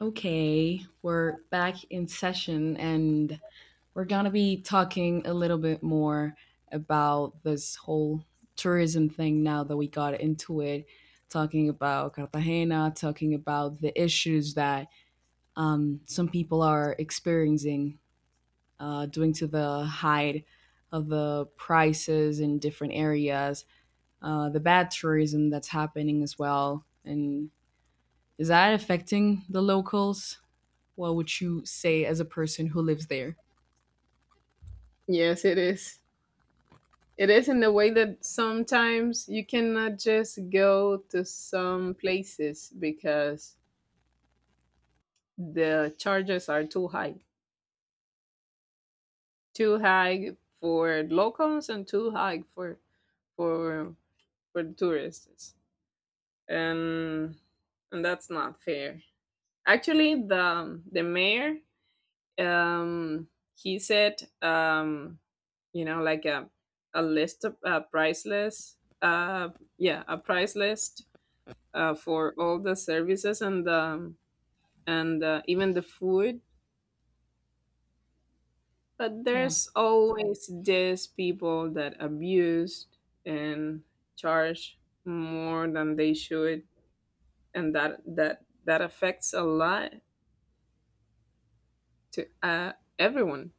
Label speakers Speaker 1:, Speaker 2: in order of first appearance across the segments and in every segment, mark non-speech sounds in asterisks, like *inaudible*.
Speaker 1: Okay, we're back in session and we're gonna be talking a little bit more about this whole tourism thing now that we got into it, talking about Cartagena, talking about the issues that some people are experiencing due to the high of the prices in different areas, the bad tourism that's happening as well. And is that affecting the locals? What would you say as a person who lives there?
Speaker 2: Yes, it is. It is in the way that sometimes you cannot just go to some places because the charges are too high. Too high for locals and too high for for tourists. And and that's not fair. Actually, the mayor um, he said, like a list of price list, yeah, a price list for all the services and even the food. But
Speaker 1: Yeah.
Speaker 2: there's always these people that abuse and charge more than they should, and that affects a lot to everyone.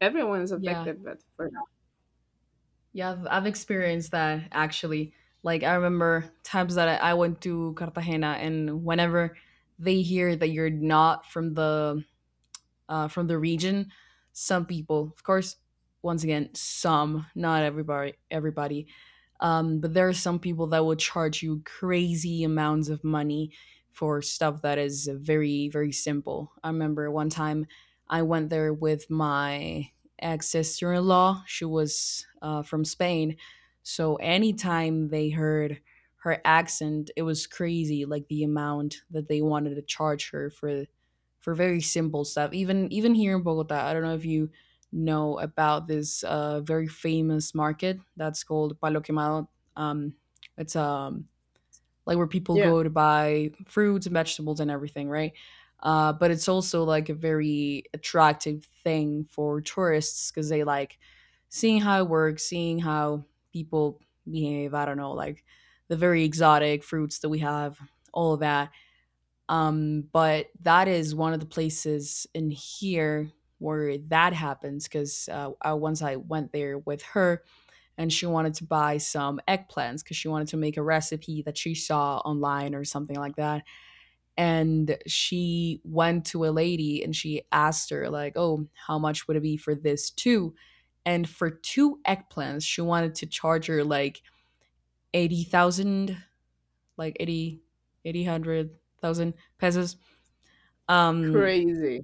Speaker 2: Everyone's
Speaker 1: Yeah.
Speaker 2: affected, but for.
Speaker 1: Yeah. I've experienced that actually. Like, I remember times that I went to Cartagena, and whenever they hear that you're not from the from the region. Some people, of course, once again, some, not everybody, everybody. But there are some people that will charge you crazy amounts of money for stuff that is very, very simple. I remember one time I went there with my ex sister in law. She was from Spain. So anytime they heard her accent, it was crazy, like the amount that they wanted to charge her for very simple stuff. Even here in Bogota, I don't know if you know about this very famous market that's called Palo Quemado. Um, it's like where people
Speaker 2: Yeah.
Speaker 1: go to buy fruits and vegetables and everything, right? But it's also like a very attractive thing for tourists because they like seeing how it works, seeing how people behave. I don't know, like the very exotic fruits that we have, all of that but that is one of the places in here where that happens because once I went there with her and she wanted to buy some eggplants because she wanted to make a recipe that she saw online or something like that. And she went to a lady and she asked her, like, oh, how much would it be for this too? And for two eggplants, she wanted to charge her like 80,000, like eighty, eighty hundred thousand pesos. Um,
Speaker 2: Crazy.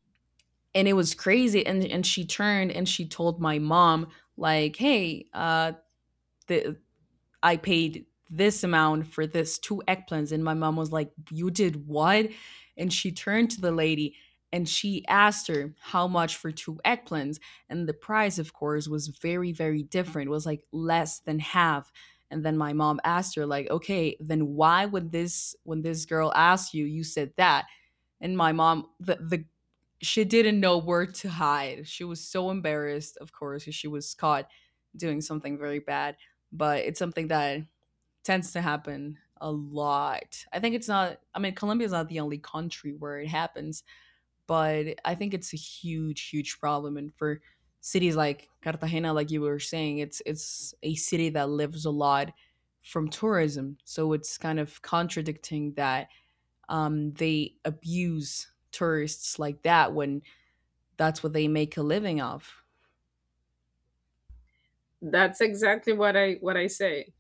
Speaker 1: and it was crazy, and she turned and she told my mom like, hey, the I paid this amount for this two eggplants. And my mom was like, you did what? And she turned to the lady and she asked her how much for two eggplants. And the price, of course, was very, very different. It was like less than half. And then my mom asked her like, okay, then why would this, when this girl asked you, you said that. And my mom, the she didn't know where to hide. She was so embarrassed, of course, 'cause she was caught doing something very bad. But it's something that tends to happen a lot. I think it's not, I mean, Colombia is not the only country where it happens, but I think it's a huge, huge problem. And for cities like Cartagena, like you were saying, it's a city that lives a lot from tourism. So it's kind of contradicting that they abuse tourists like that when that's what they make a living of.
Speaker 2: That's exactly what I say.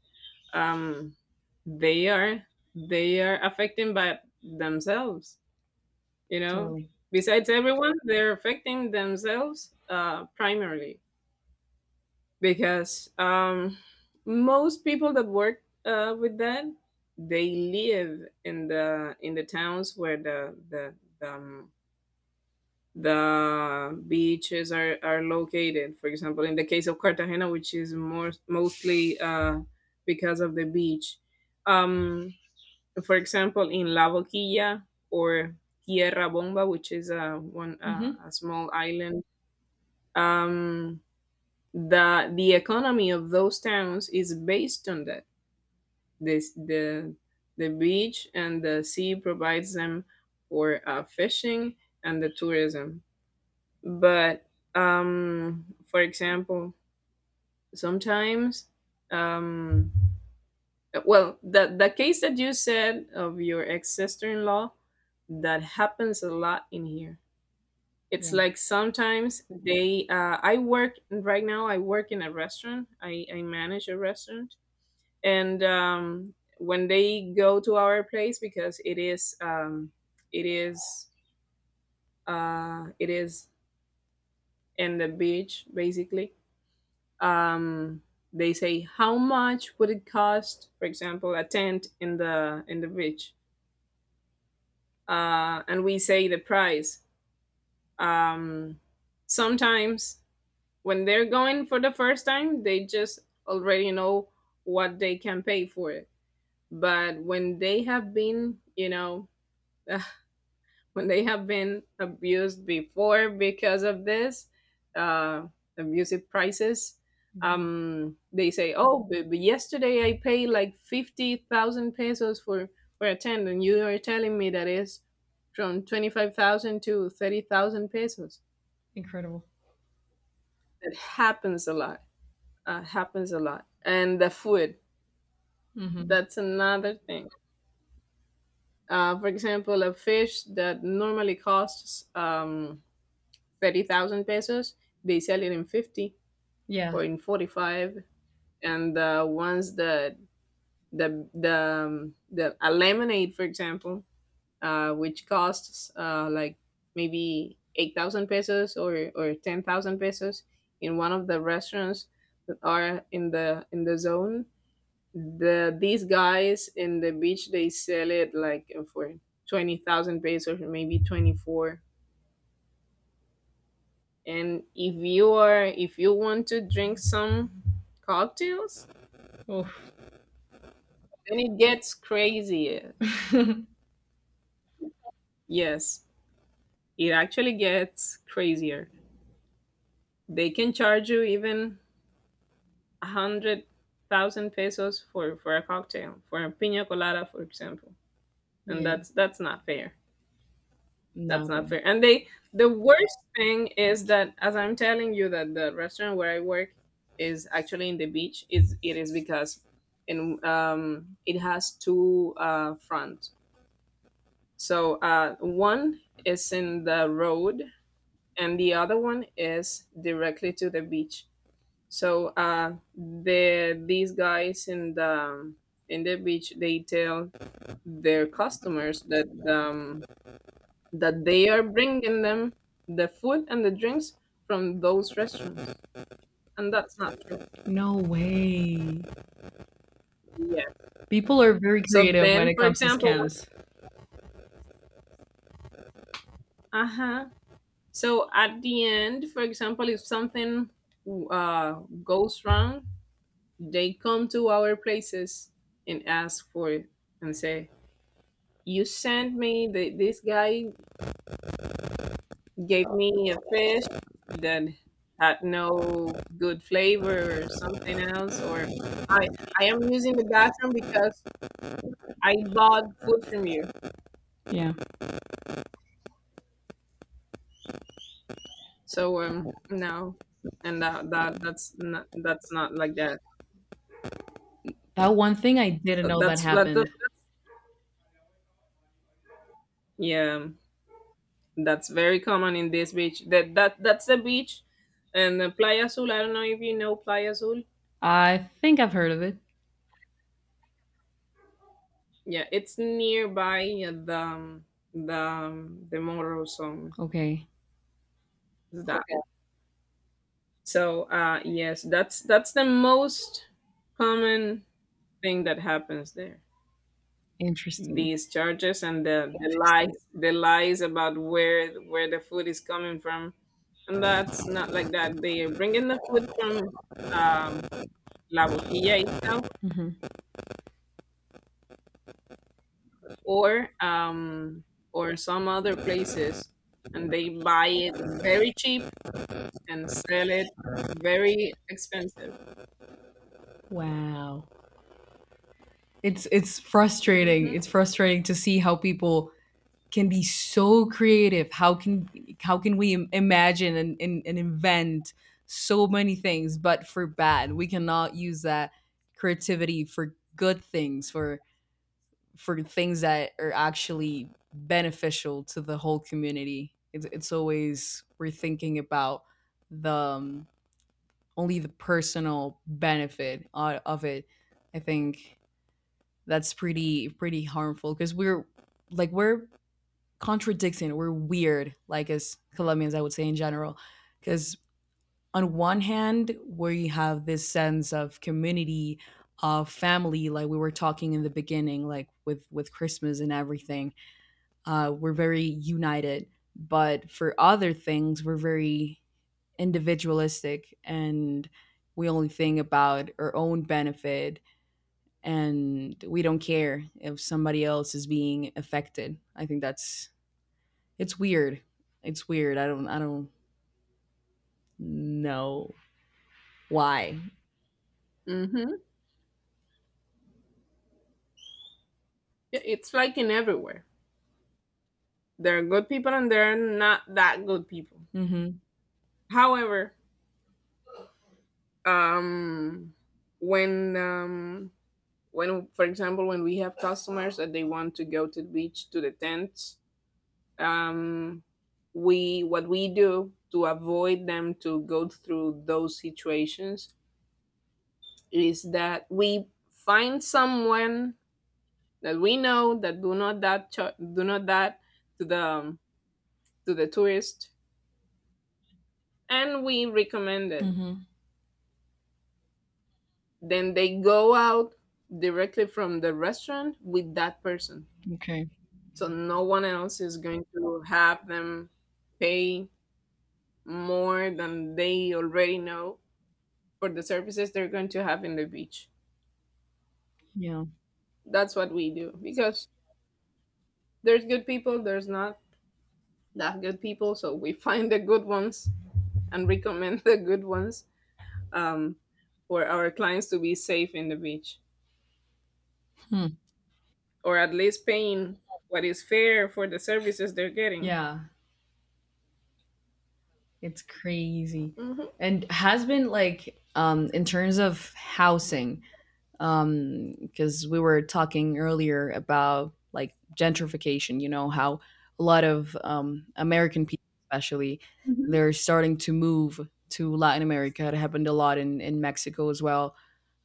Speaker 2: Um, they are they are affecting by themselves. You know,
Speaker 1: Totally.
Speaker 2: Besides everyone, they're affecting themselves primarily because most people that work with that, they live in the towns where the, um, the beaches are located. For example, in the case of Cartagena, which is more mostly because of the beach. Um, for example, in La Boquilla or Tierra Bomba, which is a one uh,
Speaker 1: Mm-hmm.
Speaker 2: a small island, um, the economy of those towns is based on that. This the beach and the sea provides them for fishing and the tourism, but, for example, sometimes, um, well, the case that you said of your ex sister in law, that happens a lot in here. It's
Speaker 1: Yeah.
Speaker 2: like sometimes they. I work right now. I work in a restaurant. I manage a restaurant, and when they go to our place because it is it is it is in the beach basically, um, they say how much would it cost, for example, a tent in the beach, and we say the price. Um, sometimes, when they're going for the first time, they just already know what they can pay for it. But when they have been, *laughs* when they have been abused before because of this, uh, abusive prices.
Speaker 1: Mm-hmm.
Speaker 2: They say, "Oh, but yesterday I paid like 50,000 pesos for a tent, and you are telling me that is from 25,000 to 30,000 pesos."
Speaker 1: Incredible.
Speaker 2: It happens a lot. Happens a lot, and the food.
Speaker 1: Mm-hmm.
Speaker 2: That's another thing. For example, a fish that normally costs 30,000 pesos, they sell it in 50,
Speaker 1: Yeah.
Speaker 2: or in 45. And the ones that the a lemonade, for example, which costs, like maybe 8,000 pesos or 10,000 pesos in one of the restaurants that are in the zone. These guys in the beach, they sell it like for 20,000 pesos, or maybe 24. And if you are if you want to drink some cocktails,
Speaker 1: Oh,
Speaker 2: then it gets crazier. Yes, it actually gets crazier. They can charge you even 100,000 pesos for a cocktail, for a pina colada, for example. And
Speaker 1: yeah.
Speaker 2: that's not fair. That's
Speaker 1: No.
Speaker 2: not fair. And they, the worst thing is that, as I'm telling you, that the restaurant where I work is actually in the beach, is it is because in it has two front. So one is in the road, and the other one is directly to the beach. So these guys in the beach, they tell their customers that they are bringing them the food and the drinks from those restaurants, and that's not true.
Speaker 1: No way.
Speaker 2: Yes.
Speaker 1: People are very
Speaker 2: So
Speaker 1: creative when
Speaker 2: then,
Speaker 1: it
Speaker 2: for
Speaker 1: comes to
Speaker 2: example,
Speaker 1: scams.
Speaker 2: uh-huh, so at the end, for example, if something uh goes wrong, they come to our places and ask for it and say, "You sent me this guy gave me a fish that had no good flavor," or something else, or, i I am using the bathroom because I bought food from you."
Speaker 1: Yeah.
Speaker 2: So no, and that's not like that.
Speaker 1: That one thing I didn't
Speaker 2: So
Speaker 1: know that
Speaker 2: that's that,
Speaker 1: happened.
Speaker 2: yeah, that's very common in this beach. That's the beach, and the Playa Azul. I don't know if you know Playa Azul.
Speaker 1: I think I've heard of it.
Speaker 2: Yeah, it's nearby the um, the Moro song.
Speaker 1: Okay.
Speaker 2: Is that okay, so? Yes, that's the most common thing that happens there.
Speaker 1: Interesting.
Speaker 2: These charges and the lies about where the food is coming from, and that's not like that. They're bringing the food from um La Boquilla itself,
Speaker 1: Mm-hmm.
Speaker 2: or some other places, and they buy it very cheap and sell it very expensive.
Speaker 1: Wow. It's frustrating.
Speaker 2: hmm
Speaker 1: It's frustrating to see how people can be so creative. How can we imagine and invent so many things, but for bad, we cannot use that creativity for good things, for things that are actually beneficial to the whole community. It's always we're thinking about the only the personal benefit of it. I think that's pretty pretty harmful because we're like we're contradicting. We're weird, like as Colombians, I would say in general, because on one hand, we have this sense of community, of family, like we were talking in the beginning, like with Christmas and everything. We're very united, but for other things, we're very individualistic and we only think about our own benefit and we don't care if somebody else is being affected. I think that's it's weird. It's weird. I don't know why.
Speaker 2: hmm it's like, in everywhere, there are good people and there are not that good people.
Speaker 1: Mm-hmm.
Speaker 2: However, um when um when, for example, when we have customers that they want to go to the beach, to the tents, um we what we do to avoid them to go through those situations is that we find someone that we know that do not, do not, that to the, to the tourist, and we recommend it.
Speaker 1: Mm-hmm.
Speaker 2: Then they go out directly from the restaurant with that person.
Speaker 1: Okay.
Speaker 2: So no one else is going to have them pay more than they already know for the services they're going to have in the beach.
Speaker 1: Yeah.
Speaker 2: That's what we do because there's good people, there's not that good people, so we *laughs* find the good ones and recommend the good ones, um, for our clients to be safe in the beach,
Speaker 1: Hmm.
Speaker 2: or at least paying what is fair for the services they're getting.
Speaker 1: Yeah. It's crazy. And has been like in terms of housing, because we were talking earlier about like gentrification, how a lot of American people especially,
Speaker 2: Mhm.
Speaker 1: they're starting to move to Latin America. It happened a lot in Mexico as well.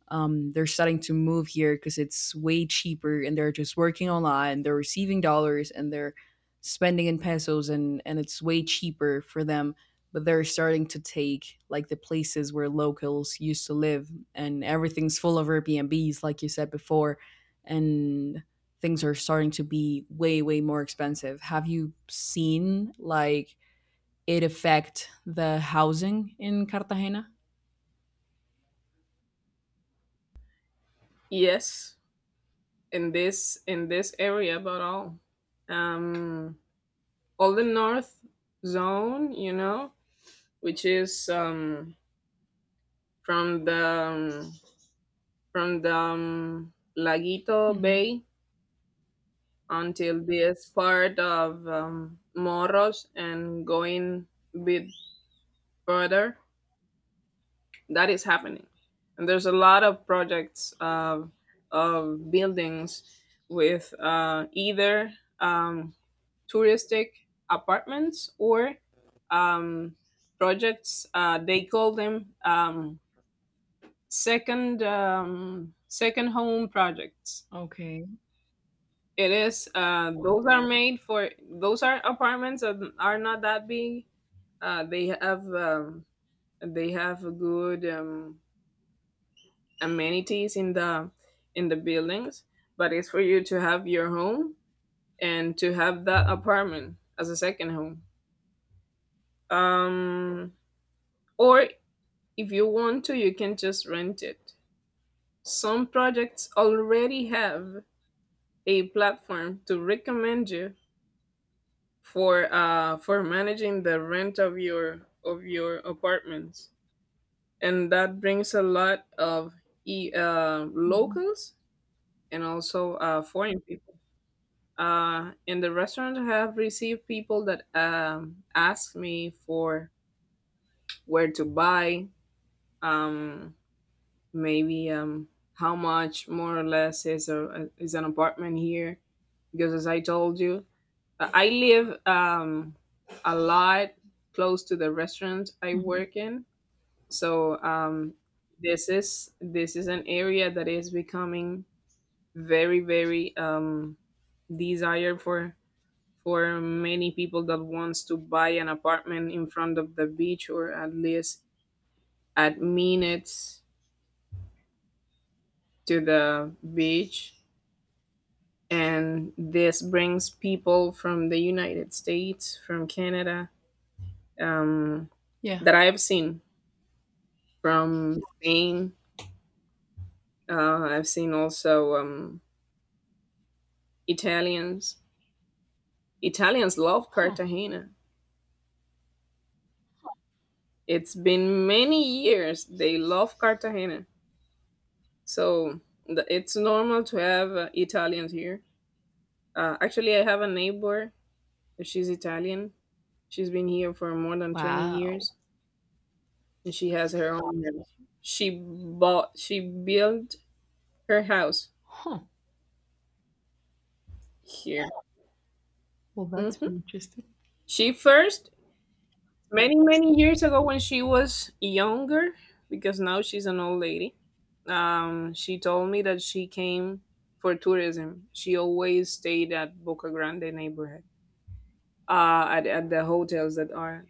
Speaker 1: Um, they're starting to move here because it's way cheaper and they're just working online, they're receiving dollars and they're spending in pesos, and it's way cheaper for them. But they're starting to take like the places where locals used to live and everything's full of airbnbs, like you said before. And things are starting to be way way more expensive. Have you seen like it affect the housing in Cartagena?
Speaker 2: Yes, in this area, but all. Um, all the north zone, which is from the um, from the Laguito
Speaker 1: Mm-hmm.
Speaker 2: Bay until this part of Morros, and going a bit further, that is happening. And there's a lot of projects of buildings with, either um, touristic apartments, or um, projects. They call them, second home projects.
Speaker 1: Okay.
Speaker 2: It is, those are made for, those are apartments that are not that big. Uh, they have um, they have good amenities in the buildings, but it's for you to have your home and to have that apartment as a second home. Um, or, if you want to, you can just rent it. Some projects already have a platform to recommend you for managing the rent of your apartments. And that brings a lot of
Speaker 1: Mm-hmm.
Speaker 2: locals, and also foreign people. And the restaurants have received people that, ask me for where to buy, um, maybe how much more or less is is an apartment here, because as I told you, I live a lot close to the restaurant I
Speaker 1: Mm-hmm.
Speaker 2: work in. So this is an area that is becoming very, very desired for many people that wants to buy an apartment in front of the beach, or at least at minutes to the beach. And this brings people from the United States, from Canada, um,
Speaker 1: Yeah.
Speaker 2: that I've seen, from Spain. I've seen also, Italians. Italians love
Speaker 1: Huh.
Speaker 2: Cartagena. It's been many years they love Cartagena, so it's normal to have, Italians here. Actually, I have a neighbor. She's Italian. She's been here for more than twenty
Speaker 1: Wow.
Speaker 2: years and she has her own house. She bought, she built her house
Speaker 1: Huh.
Speaker 2: here.
Speaker 1: Well, that's
Speaker 2: hmm
Speaker 1: interesting.
Speaker 2: She first, many, many years ago when she was younger, because now she's an old lady, she told me that she came for tourism. She always stayed at Boca Grande neighborhood, at the hotels that are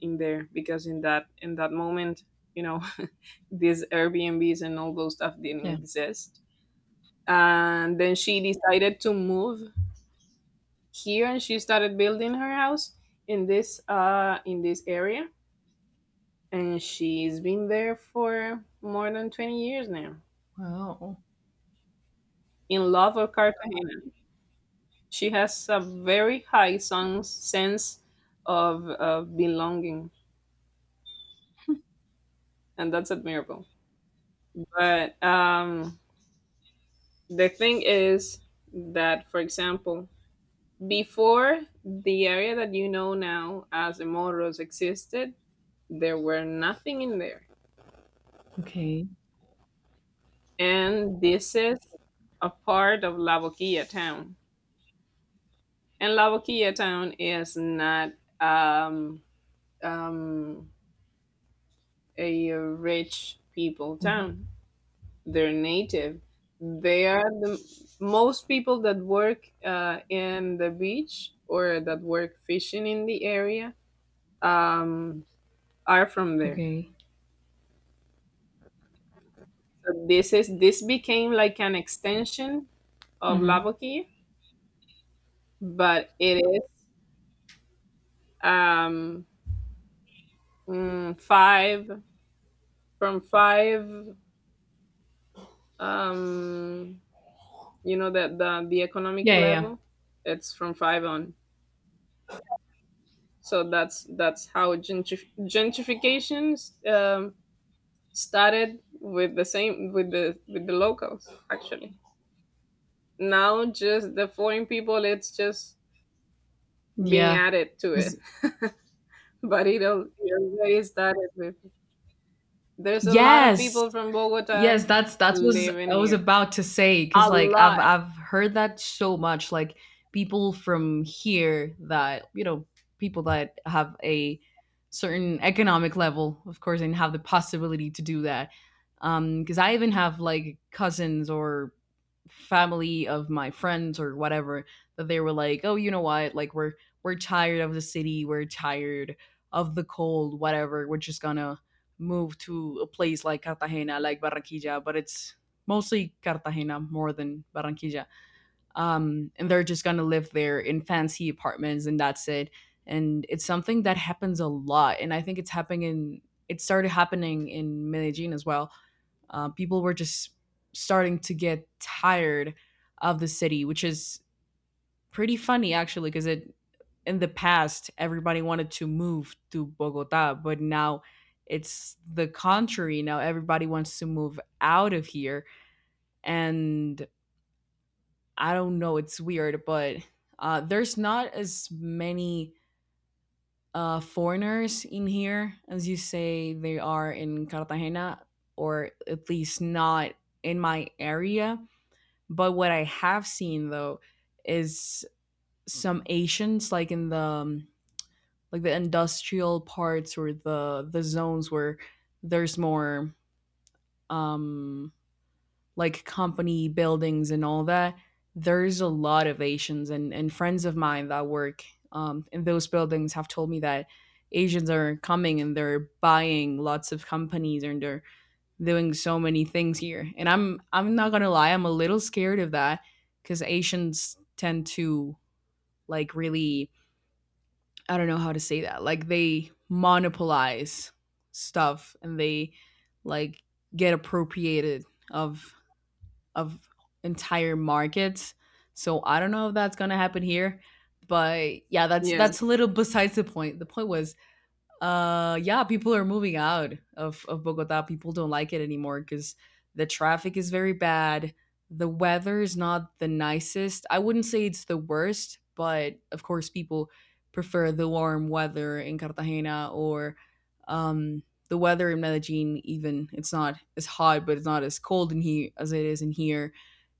Speaker 2: in there, because in that, moment, you know, *laughs* these Airbnbs and all those stuff
Speaker 1: Yeah.
Speaker 2: didn't exist, and then she decided to move here, and she started building her house in this area, and she's been there for more than 20 years now,
Speaker 1: Wow.
Speaker 2: in love of Cartagena. She has a very high song sense of belonging, and that's admirable. But the thing is that, for example, before the area that you know now as the Morros existed, there were nothing in there.
Speaker 1: Okay.
Speaker 2: And this is a part of La Boquilla town. And La Boquilla town is not, um, um, a rich people
Speaker 1: Mhm.
Speaker 2: town. They're native. They are the most people that work, in the beach, or that work fishing in the area, um, are from there.
Speaker 1: Okay.
Speaker 2: So this is this became like an extension of
Speaker 1: Hmm.
Speaker 2: Lavoisier, but it is um five, from five, um you know that the economic
Speaker 1: Yeah. Yeah. Yeah.
Speaker 2: level, it's from five on. So that's how gentrification um, started, with the same, with the locals actually. Now just the foreign people, it's just being
Speaker 1: Yeah.
Speaker 2: added to it.
Speaker 1: 'Cause-
Speaker 2: *laughs* But it'll raise that, everything. There's a lot of
Speaker 1: Yes.
Speaker 2: people from Bogota
Speaker 1: Yes. That's that was
Speaker 2: living
Speaker 1: I was
Speaker 2: here.
Speaker 1: about to say because
Speaker 2: A
Speaker 1: like I've
Speaker 2: lot.
Speaker 1: I've heard that so much. Like people from here that you know, people that have a certain economic level, of course, and have the possibility to do that. Because I even have like cousins or family of my friends or whatever, that they were like, "Oh, you know what? Like we're tired of the city, we're tired of the cold, whatever. We're just going to move to a place like Cartagena, like Barranquilla, but it's mostly Cartagena more than Barranquilla. And they're just going to live there in fancy apartments and that's it." And it's something that happens a lot. And I think it's happening it started happening in Medellin as well. Uh, people were just starting to get tired of the city, which is pretty funny actually, because it in the past everybody wanted to move to Bogota, but now it's the contrary. Now everybody wants to move out of here, and I don't know, it's weird, but there's not as many foreigners in here as you say they are in Cartagena, or at least not in my area. But what I have seen though is some Asians, like in the like the industrial parts or the zones where there's more um like company buildings and all that. There's a lot of Asians, and friends of mine that work in those buildings have told me that Asians are coming and they're buying lots of companies and they're doing so many things here. And I'm not gonna lie, I'm a little scared of that because Asians tend to like really I don't know how to say that. Like they monopolize stuff and they like get appropriated of of entire markets. So I don't know if that's gonna happen here. But yeah,
Speaker 2: Yes.
Speaker 1: that's a little besides the point. The point was yeah, people are moving out of Bogota. People don't like it anymore because the traffic is very bad. The weather is not the nicest. I wouldn't say it's the worst, but of course, people prefer the warm weather in Cartagena or um, the weather in Medellin. Even it's not as hot, but it's not as cold in here as it is in here.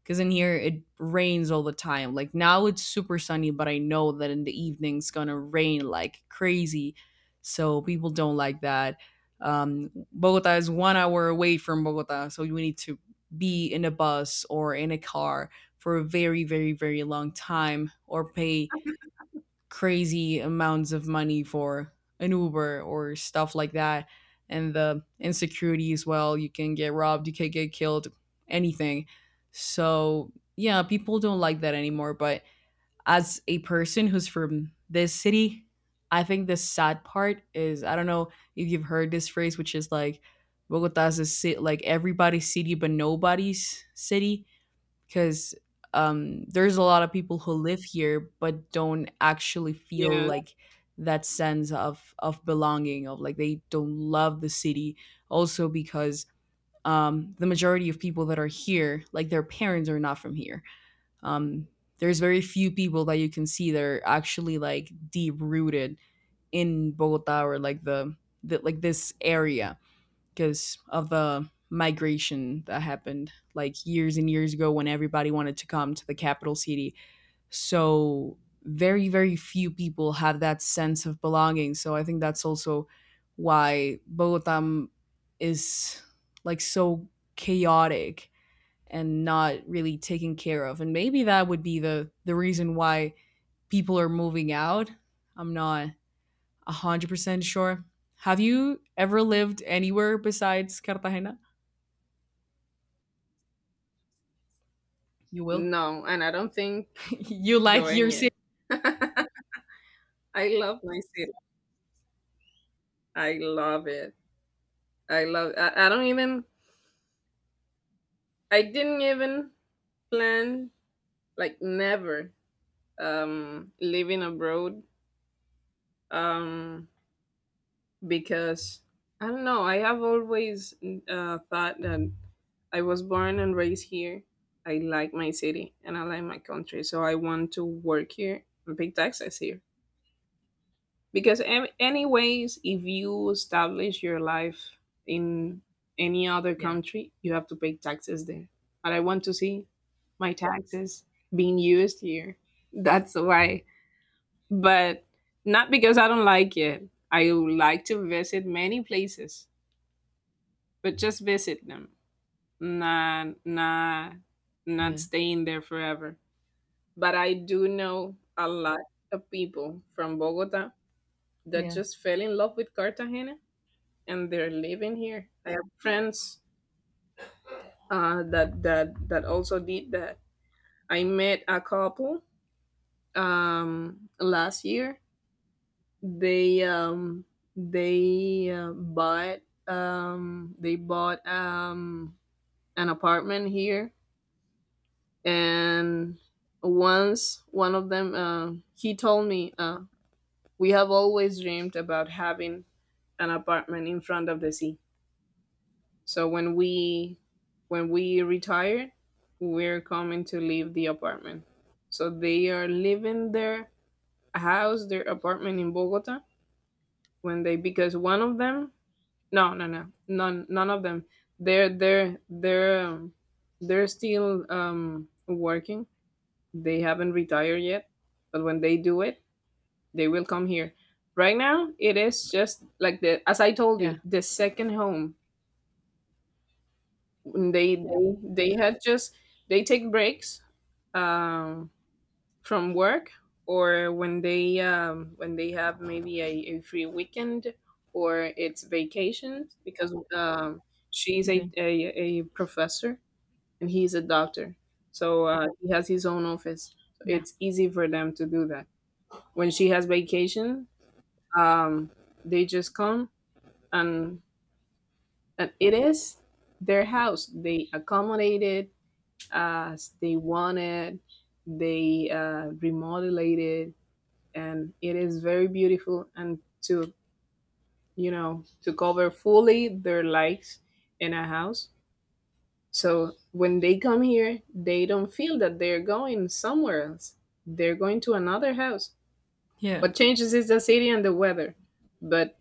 Speaker 1: Because in here it rains all the time. Like now it's super sunny, but I know that in the evening it's gonna rain like crazy, so people don't like that. Bogota is 1 hour away from Bogota, so you need to be in a bus or in a car for a very, very, very long time, or pay crazy amounts of money for an Uber or stuff like that. And the insecurity as well. You can get robbed, you can get killed, anything. So, yeah, people don't like that anymore. But as a person who's from this city, I think the sad part is I don't know if you've heard this phrase, which is like Bogota's a city, like everybody's city, but nobody's city, because there's a lot of people who live here but don't actually feel
Speaker 2: Yes.
Speaker 1: like that sense of belonging, of like they don't love the city. Also because the majority of people that are here, like their parents, are not from here. um there's very few people that you can see that are actually like deep rooted in Bogota or like the like this area because of the migration that happened like years and years ago when everybody wanted to come to the capital city. So very very few people have that sense of belonging. So I think that's also why Bogota is like so chaotic and not really taken care of. And maybe that would be the reason why people are moving out. I'm not 100% sure. Have you ever lived anywhere besides Cartagena? You will.
Speaker 2: No, and I don't think
Speaker 1: *laughs* You like your
Speaker 2: doing
Speaker 1: city?
Speaker 2: it. *laughs* I love my city. I love it. I don't even I didn't even plan, like, never living abroad. Um because I don't know. I have always thought that I was born and raised here. I like my city and I like my country, so I want to work here and pay taxes here. Because anyways, if you establish your life in any other
Speaker 1: Yeah.
Speaker 2: country, you have to pay taxes there. And I want to see my taxes being used here. That's why. But not because I don't like it. I would like to visit many places but just visit them, not not
Speaker 1: Yeah.
Speaker 2: staying there forever. But I do know a lot of people from Bogota that
Speaker 1: Yeah.
Speaker 2: just fell in love with Cartagena and they're living here. I have friends that also did that. I met a couple last year. They they bought they bought an apartment here. And once one of them, he told me, we have always dreamed about having an apartment in front of the sea, so when we retire, we're coming to leave the apartment. So they are leaving their house, their apartment in Bogota. When they, because one of them, no, none of them, they're they're they're um, they're still working. They haven't retired yet, but when they do it, they will come here. Right now, it is just like the, as I told you,
Speaker 1: Yeah.
Speaker 2: the second home. They had just, they take breaks um, from work, or when they have maybe a free weekend, or it's vacation because she's
Speaker 1: Okay.
Speaker 2: a professor and he's a doctor, so he has his own office, so
Speaker 1: Yeah.
Speaker 2: it's easy for them to do that. When she has vacation, um, they just come, and, and it is their house. They accommodate it as they want it. They remodulate it, and it is very beautiful. And to, you know, to cover fully their lives in a house. So when they come here, they don't feel that they're going somewhere else. They're going to another house.
Speaker 1: Yeah.
Speaker 2: What changes is the city and the weather, but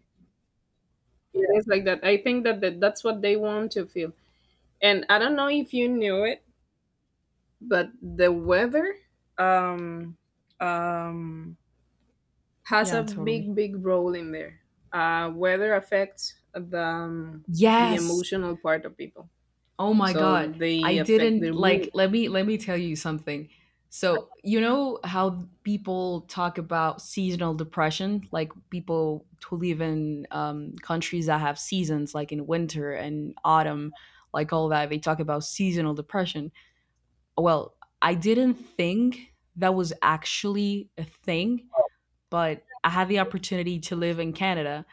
Speaker 2: it is like that. I think that, that's what they want to feel. And I don't know if you knew it, but the weather, um, um, has
Speaker 1: Yeah,
Speaker 2: a
Speaker 1: totally.
Speaker 2: big, big role in there. Weather affects the
Speaker 1: Yes.
Speaker 2: emotional part of people,
Speaker 1: Oh my
Speaker 2: so
Speaker 1: God. I
Speaker 2: they affect their
Speaker 1: didn't
Speaker 2: mood.
Speaker 1: like, let me tell you something. So, you know how people talk about seasonal depression, like people who live in countries that have seasons, like in winter and autumn, like all that, they talk about seasonal depression. Well, I didn't think that was actually a thing, but I had the opportunity to live in Canada,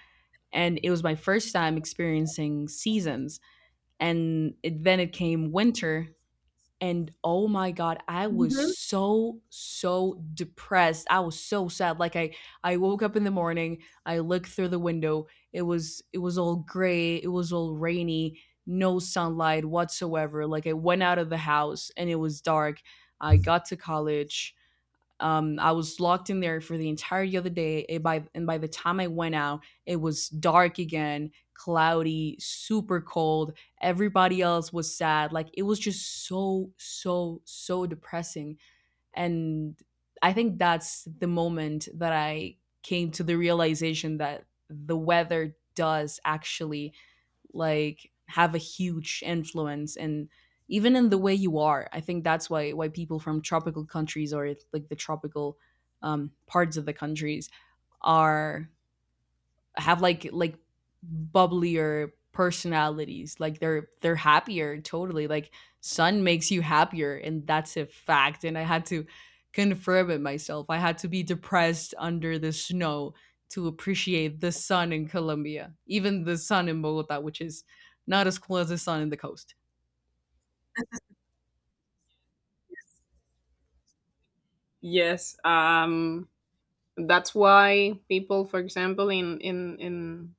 Speaker 1: and it was my first time experiencing seasons. And then it came winter, and oh my God, I was
Speaker 2: Mhm.
Speaker 1: so, so depressed. I was so sad. Like I woke up in the morning, I looked through the window. It was all gray, it was all rainy, no sunlight whatsoever. Like I went out of the house and it was dark. I got to college, I was locked in there for the entirety of the day. And by the time I went out, it was dark again, cloudy, super cold. Everybody else was sad. Like it was just so, so, so depressing. And I think that's the moment that I came to the realization that the weather does actually like have a huge influence, and even in the way you are. I think that's why people from tropical countries, or like the tropical parts of the countries, are, have like bubblier personalities. Like they're happier, totally. Like sun makes you happier, and that's a fact. And I had to confirm it myself. I had to be depressed under the snow to appreciate the sun in Colombia, even the sun in Bogota, which is not as cool as the sun in the coast.
Speaker 2: Yes, that's why people, for example, in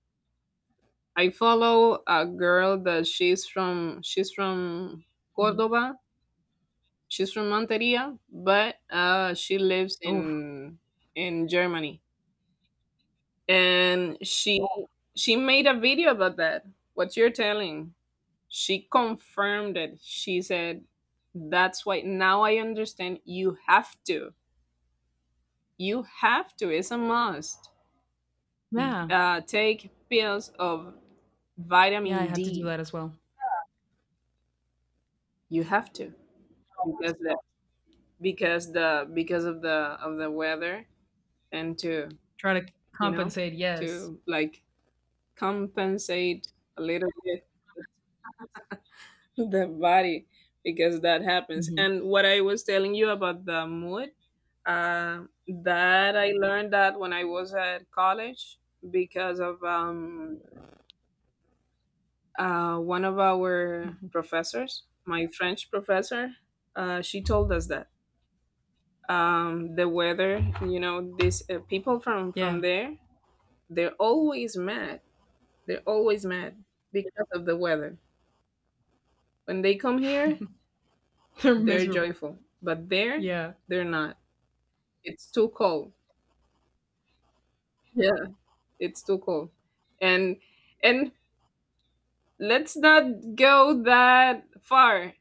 Speaker 2: I follow a girl that she's from
Speaker 1: Mhm.
Speaker 2: Cordoba. She's from Monteria, but, she lives
Speaker 1: Oof.
Speaker 2: in Germany, and she made a video about that, what you're telling. She confirmed it. She said, "That's why now I understand you have to. You have to, it's a must,
Speaker 1: Yeah.
Speaker 2: take pills of
Speaker 1: Yeah, I
Speaker 2: vitamin
Speaker 1: had to do
Speaker 2: D.
Speaker 1: that as well.
Speaker 2: You have to, because the because the because of the weather, and to,
Speaker 1: Try to
Speaker 2: you know,
Speaker 1: compensate, yes.
Speaker 2: to, like, compensate a little bit, *laughs* the body, because that happens.
Speaker 1: Mhm,
Speaker 2: And what I was telling you about the mood, uh, that I learned that when I was at college because of one of our
Speaker 1: mhm.
Speaker 2: professors, my French professor, she told us that, the weather, you know, these, people
Speaker 1: Yeah,
Speaker 2: from there, they're always mad. They're always mad because of the weather. When they come here,
Speaker 1: *laughs* they're
Speaker 2: they're
Speaker 1: miserable.
Speaker 2: joyful, but there,
Speaker 1: Yeah,
Speaker 2: they're not. It's too cold. Yeah, it's too cold. And and let's not go that far.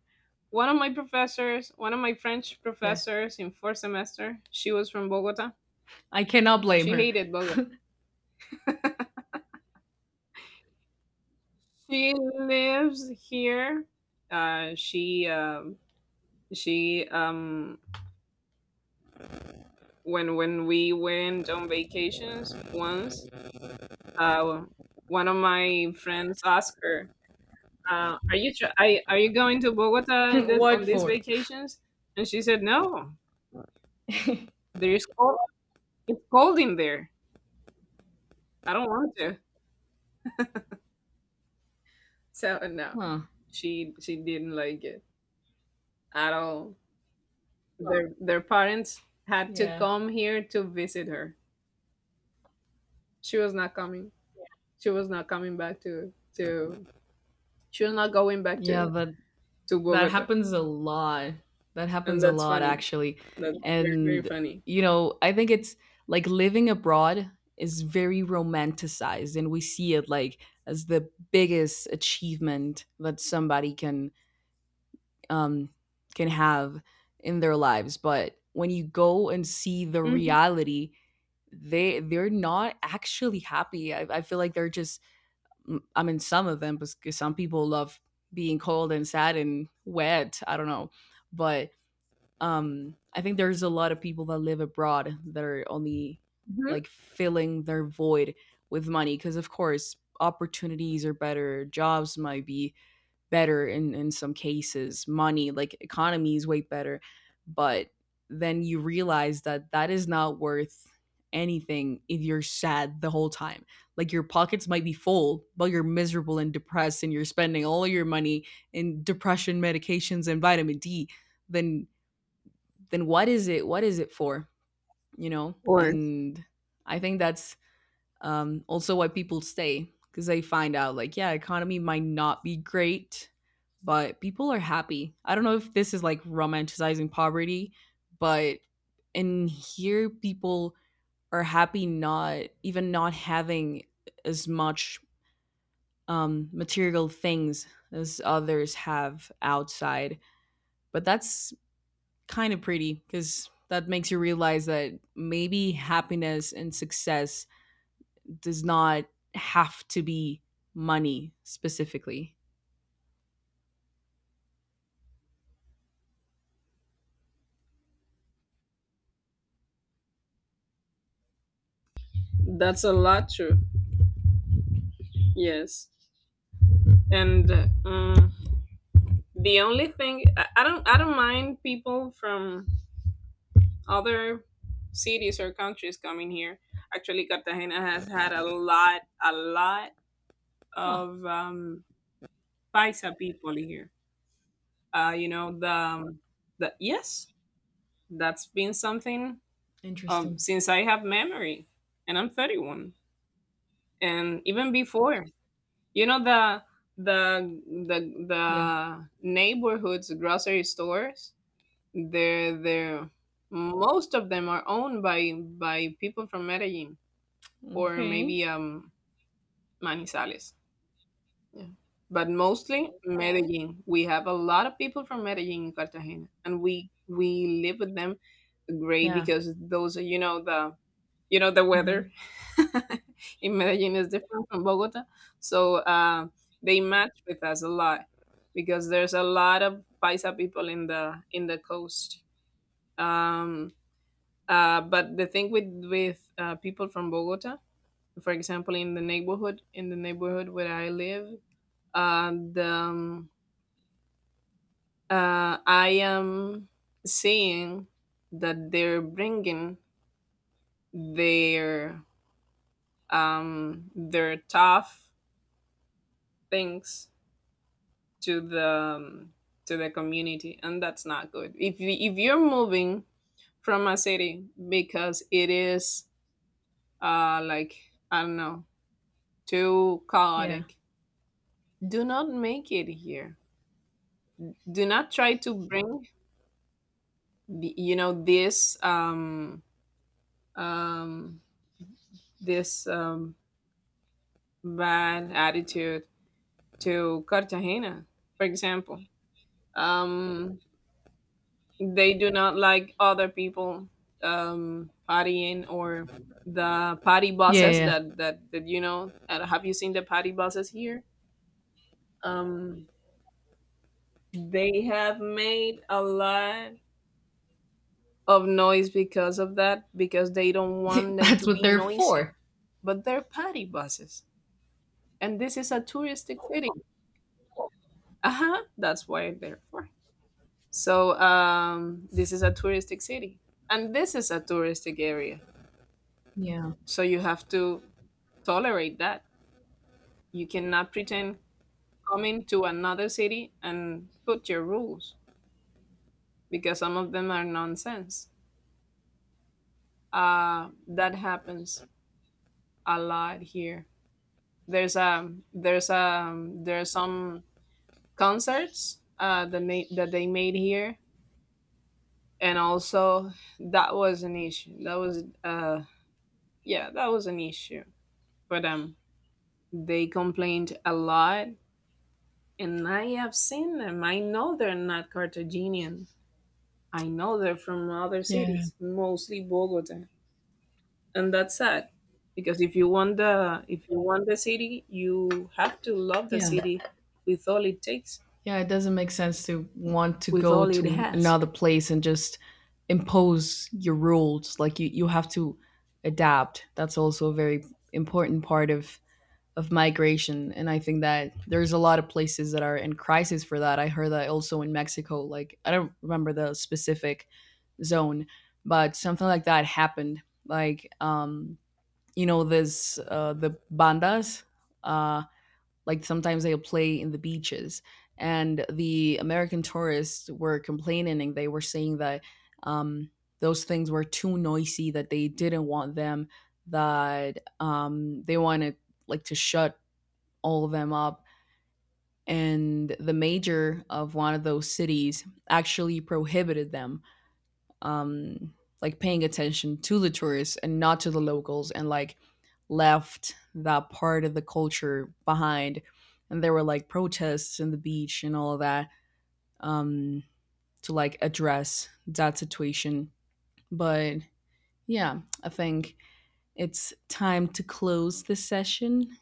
Speaker 2: One of my professors, one of my French
Speaker 1: yeah.
Speaker 2: professors in fourth semester, she was from Bogota.
Speaker 1: I cannot blame
Speaker 2: She
Speaker 1: her.
Speaker 2: hated Bogota. She lives here. Uh, she um, she When we went on vacations once, uh, one of my friends, Oscar, "Are you are you going to
Speaker 1: *laughs*
Speaker 2: Bogota in this on
Speaker 1: What
Speaker 2: these
Speaker 1: for?
Speaker 2: vacations?" And she said, "No, there's cold. It's cold in there. I don't want to." So no,
Speaker 1: Huh.
Speaker 2: she didn't like it at all. Their parents had to
Speaker 1: Yeah.
Speaker 2: come here to visit her. She was not coming. She was not coming back to to. She was not going back
Speaker 1: Yeah, that
Speaker 2: to
Speaker 1: that
Speaker 2: Bogota,
Speaker 1: happens a lot. That
Speaker 2: and
Speaker 1: happens a
Speaker 2: that's
Speaker 1: lot
Speaker 2: funny.
Speaker 1: actually.
Speaker 2: That's very, very
Speaker 1: And
Speaker 2: funny.
Speaker 1: you know, I think it's like living abroad is very romanticized, and we see it like as the biggest achievement that somebody um, can have in their lives. But when you go and see the
Speaker 2: Hmm.
Speaker 1: reality, they're not actually happy. I feel like they're just. I mean, some of them, because some people love being cold and sad and wet. I don't know, but I think there's a lot of people that live abroad that are only
Speaker 2: Hmm.
Speaker 1: like filling their void with money, because of course opportunities are better, jobs might be better in some cases. Money, like economy is way better, but then you realize that that is not worth anything if you're sad the whole time. Like your pockets might be full, but you're miserable and depressed, and you're spending all your money in depression medications and vitamin D. then then what is it, what is it for, you know?
Speaker 2: Or,
Speaker 1: And I think that's also why people stay, because they find out like, yeah, economy might not be great, but people are happy. I don't know if this is like romanticizing poverty, but in here, people are happy not even not having as much material things as others have outside. But that's kind of pretty, because that makes you realize that maybe happiness and success does not have to be money specifically.
Speaker 2: that's a lot true. Yes. And um, the only thing, I don't mind people from other cities or countries coming here. Actually, Cartagena has had a lot
Speaker 1: Huh.
Speaker 2: of paisa people here, uh, you know, the yes, that's been something
Speaker 1: Interesting.
Speaker 2: since I have memory, and I'm 31, and even before, you know, the the
Speaker 1: Yeah.
Speaker 2: the neighborhoods, grocery stores. They're most of them are owned by people from Medellin, or
Speaker 1: Okay.
Speaker 2: maybe Manizales. Yeah. But mostly Medellin. We have a lot of people from Medellin in Cartagena, and we live with them great,
Speaker 1: Yeah.
Speaker 2: because those are, you know, the weather
Speaker 1: Mm-hmm.
Speaker 2: *laughs* in Medellin is different from Bogota. So, they match with us a lot because there's a lot of paisa people in the coast. Um, but the thing with people from Bogota, for example, in the neighborhood where I live, the I am seeing that they're bringing their their tough things to the um, community, and that's not good. If you're moving from a city because it is, like, I don't know, too
Speaker 1: Yeah.
Speaker 2: chaotic, do not make it here. Do not try to bring the, you know, um this bad attitude to Cartagena. For example, um they do not like other people partying, or the party
Speaker 1: Yeah.
Speaker 2: buses
Speaker 1: Yeah.
Speaker 2: that, you know, have you seen the party buses here? um they have made a lot of noise because of that, because they don't want
Speaker 1: *laughs*
Speaker 2: them
Speaker 1: That's
Speaker 2: to
Speaker 1: what
Speaker 2: be
Speaker 1: they're
Speaker 2: noisy,
Speaker 1: for.
Speaker 2: but they're party buses, and this is a touristic city. Uh-huh, that's why they're for. So, this is a touristic city, and this is a touristic area,
Speaker 1: Yeah.
Speaker 2: so you have to tolerate that. You cannot pretend coming to another city and put your rules, because some of them are nonsense. Uh, that happens a lot here. There's some concerts, that made that they made here, and also that was an issue. That was, yeah, that was an issue for them. They complained a lot, and I have seen them. I know they're not Carthaginian. I know they're from other
Speaker 1: Yeah.
Speaker 2: cities, mostly Bogota, and that's sad, because if you want the city, you have to love the
Speaker 1: Yeah.
Speaker 2: city with all it takes.
Speaker 1: Yeah. It doesn't make sense to want to
Speaker 2: With
Speaker 1: go
Speaker 2: all it
Speaker 1: to
Speaker 2: has.
Speaker 1: another place and just impose your rules. Like you have to adapt. That's also a very important part of migration, and I think that there's a lot of places that are in crisis for that. I heard that also in Mexico, like I don't remember the specific zone, but something like that happened. Like you know this the bandas, uh like sometimes they'll play in the beaches, and the American tourists were complaining, and they were saying that um those things were too noisy, that they didn't want them, that they wanted like to shut all of them up. And the mayor of one of those cities actually prohibited them, um, like paying attention to the tourists and not to the locals, and like left that part of the culture behind. And there were like protests in the beach and all of that, um, to like address that situation. But yeah, I think it's time to close the session.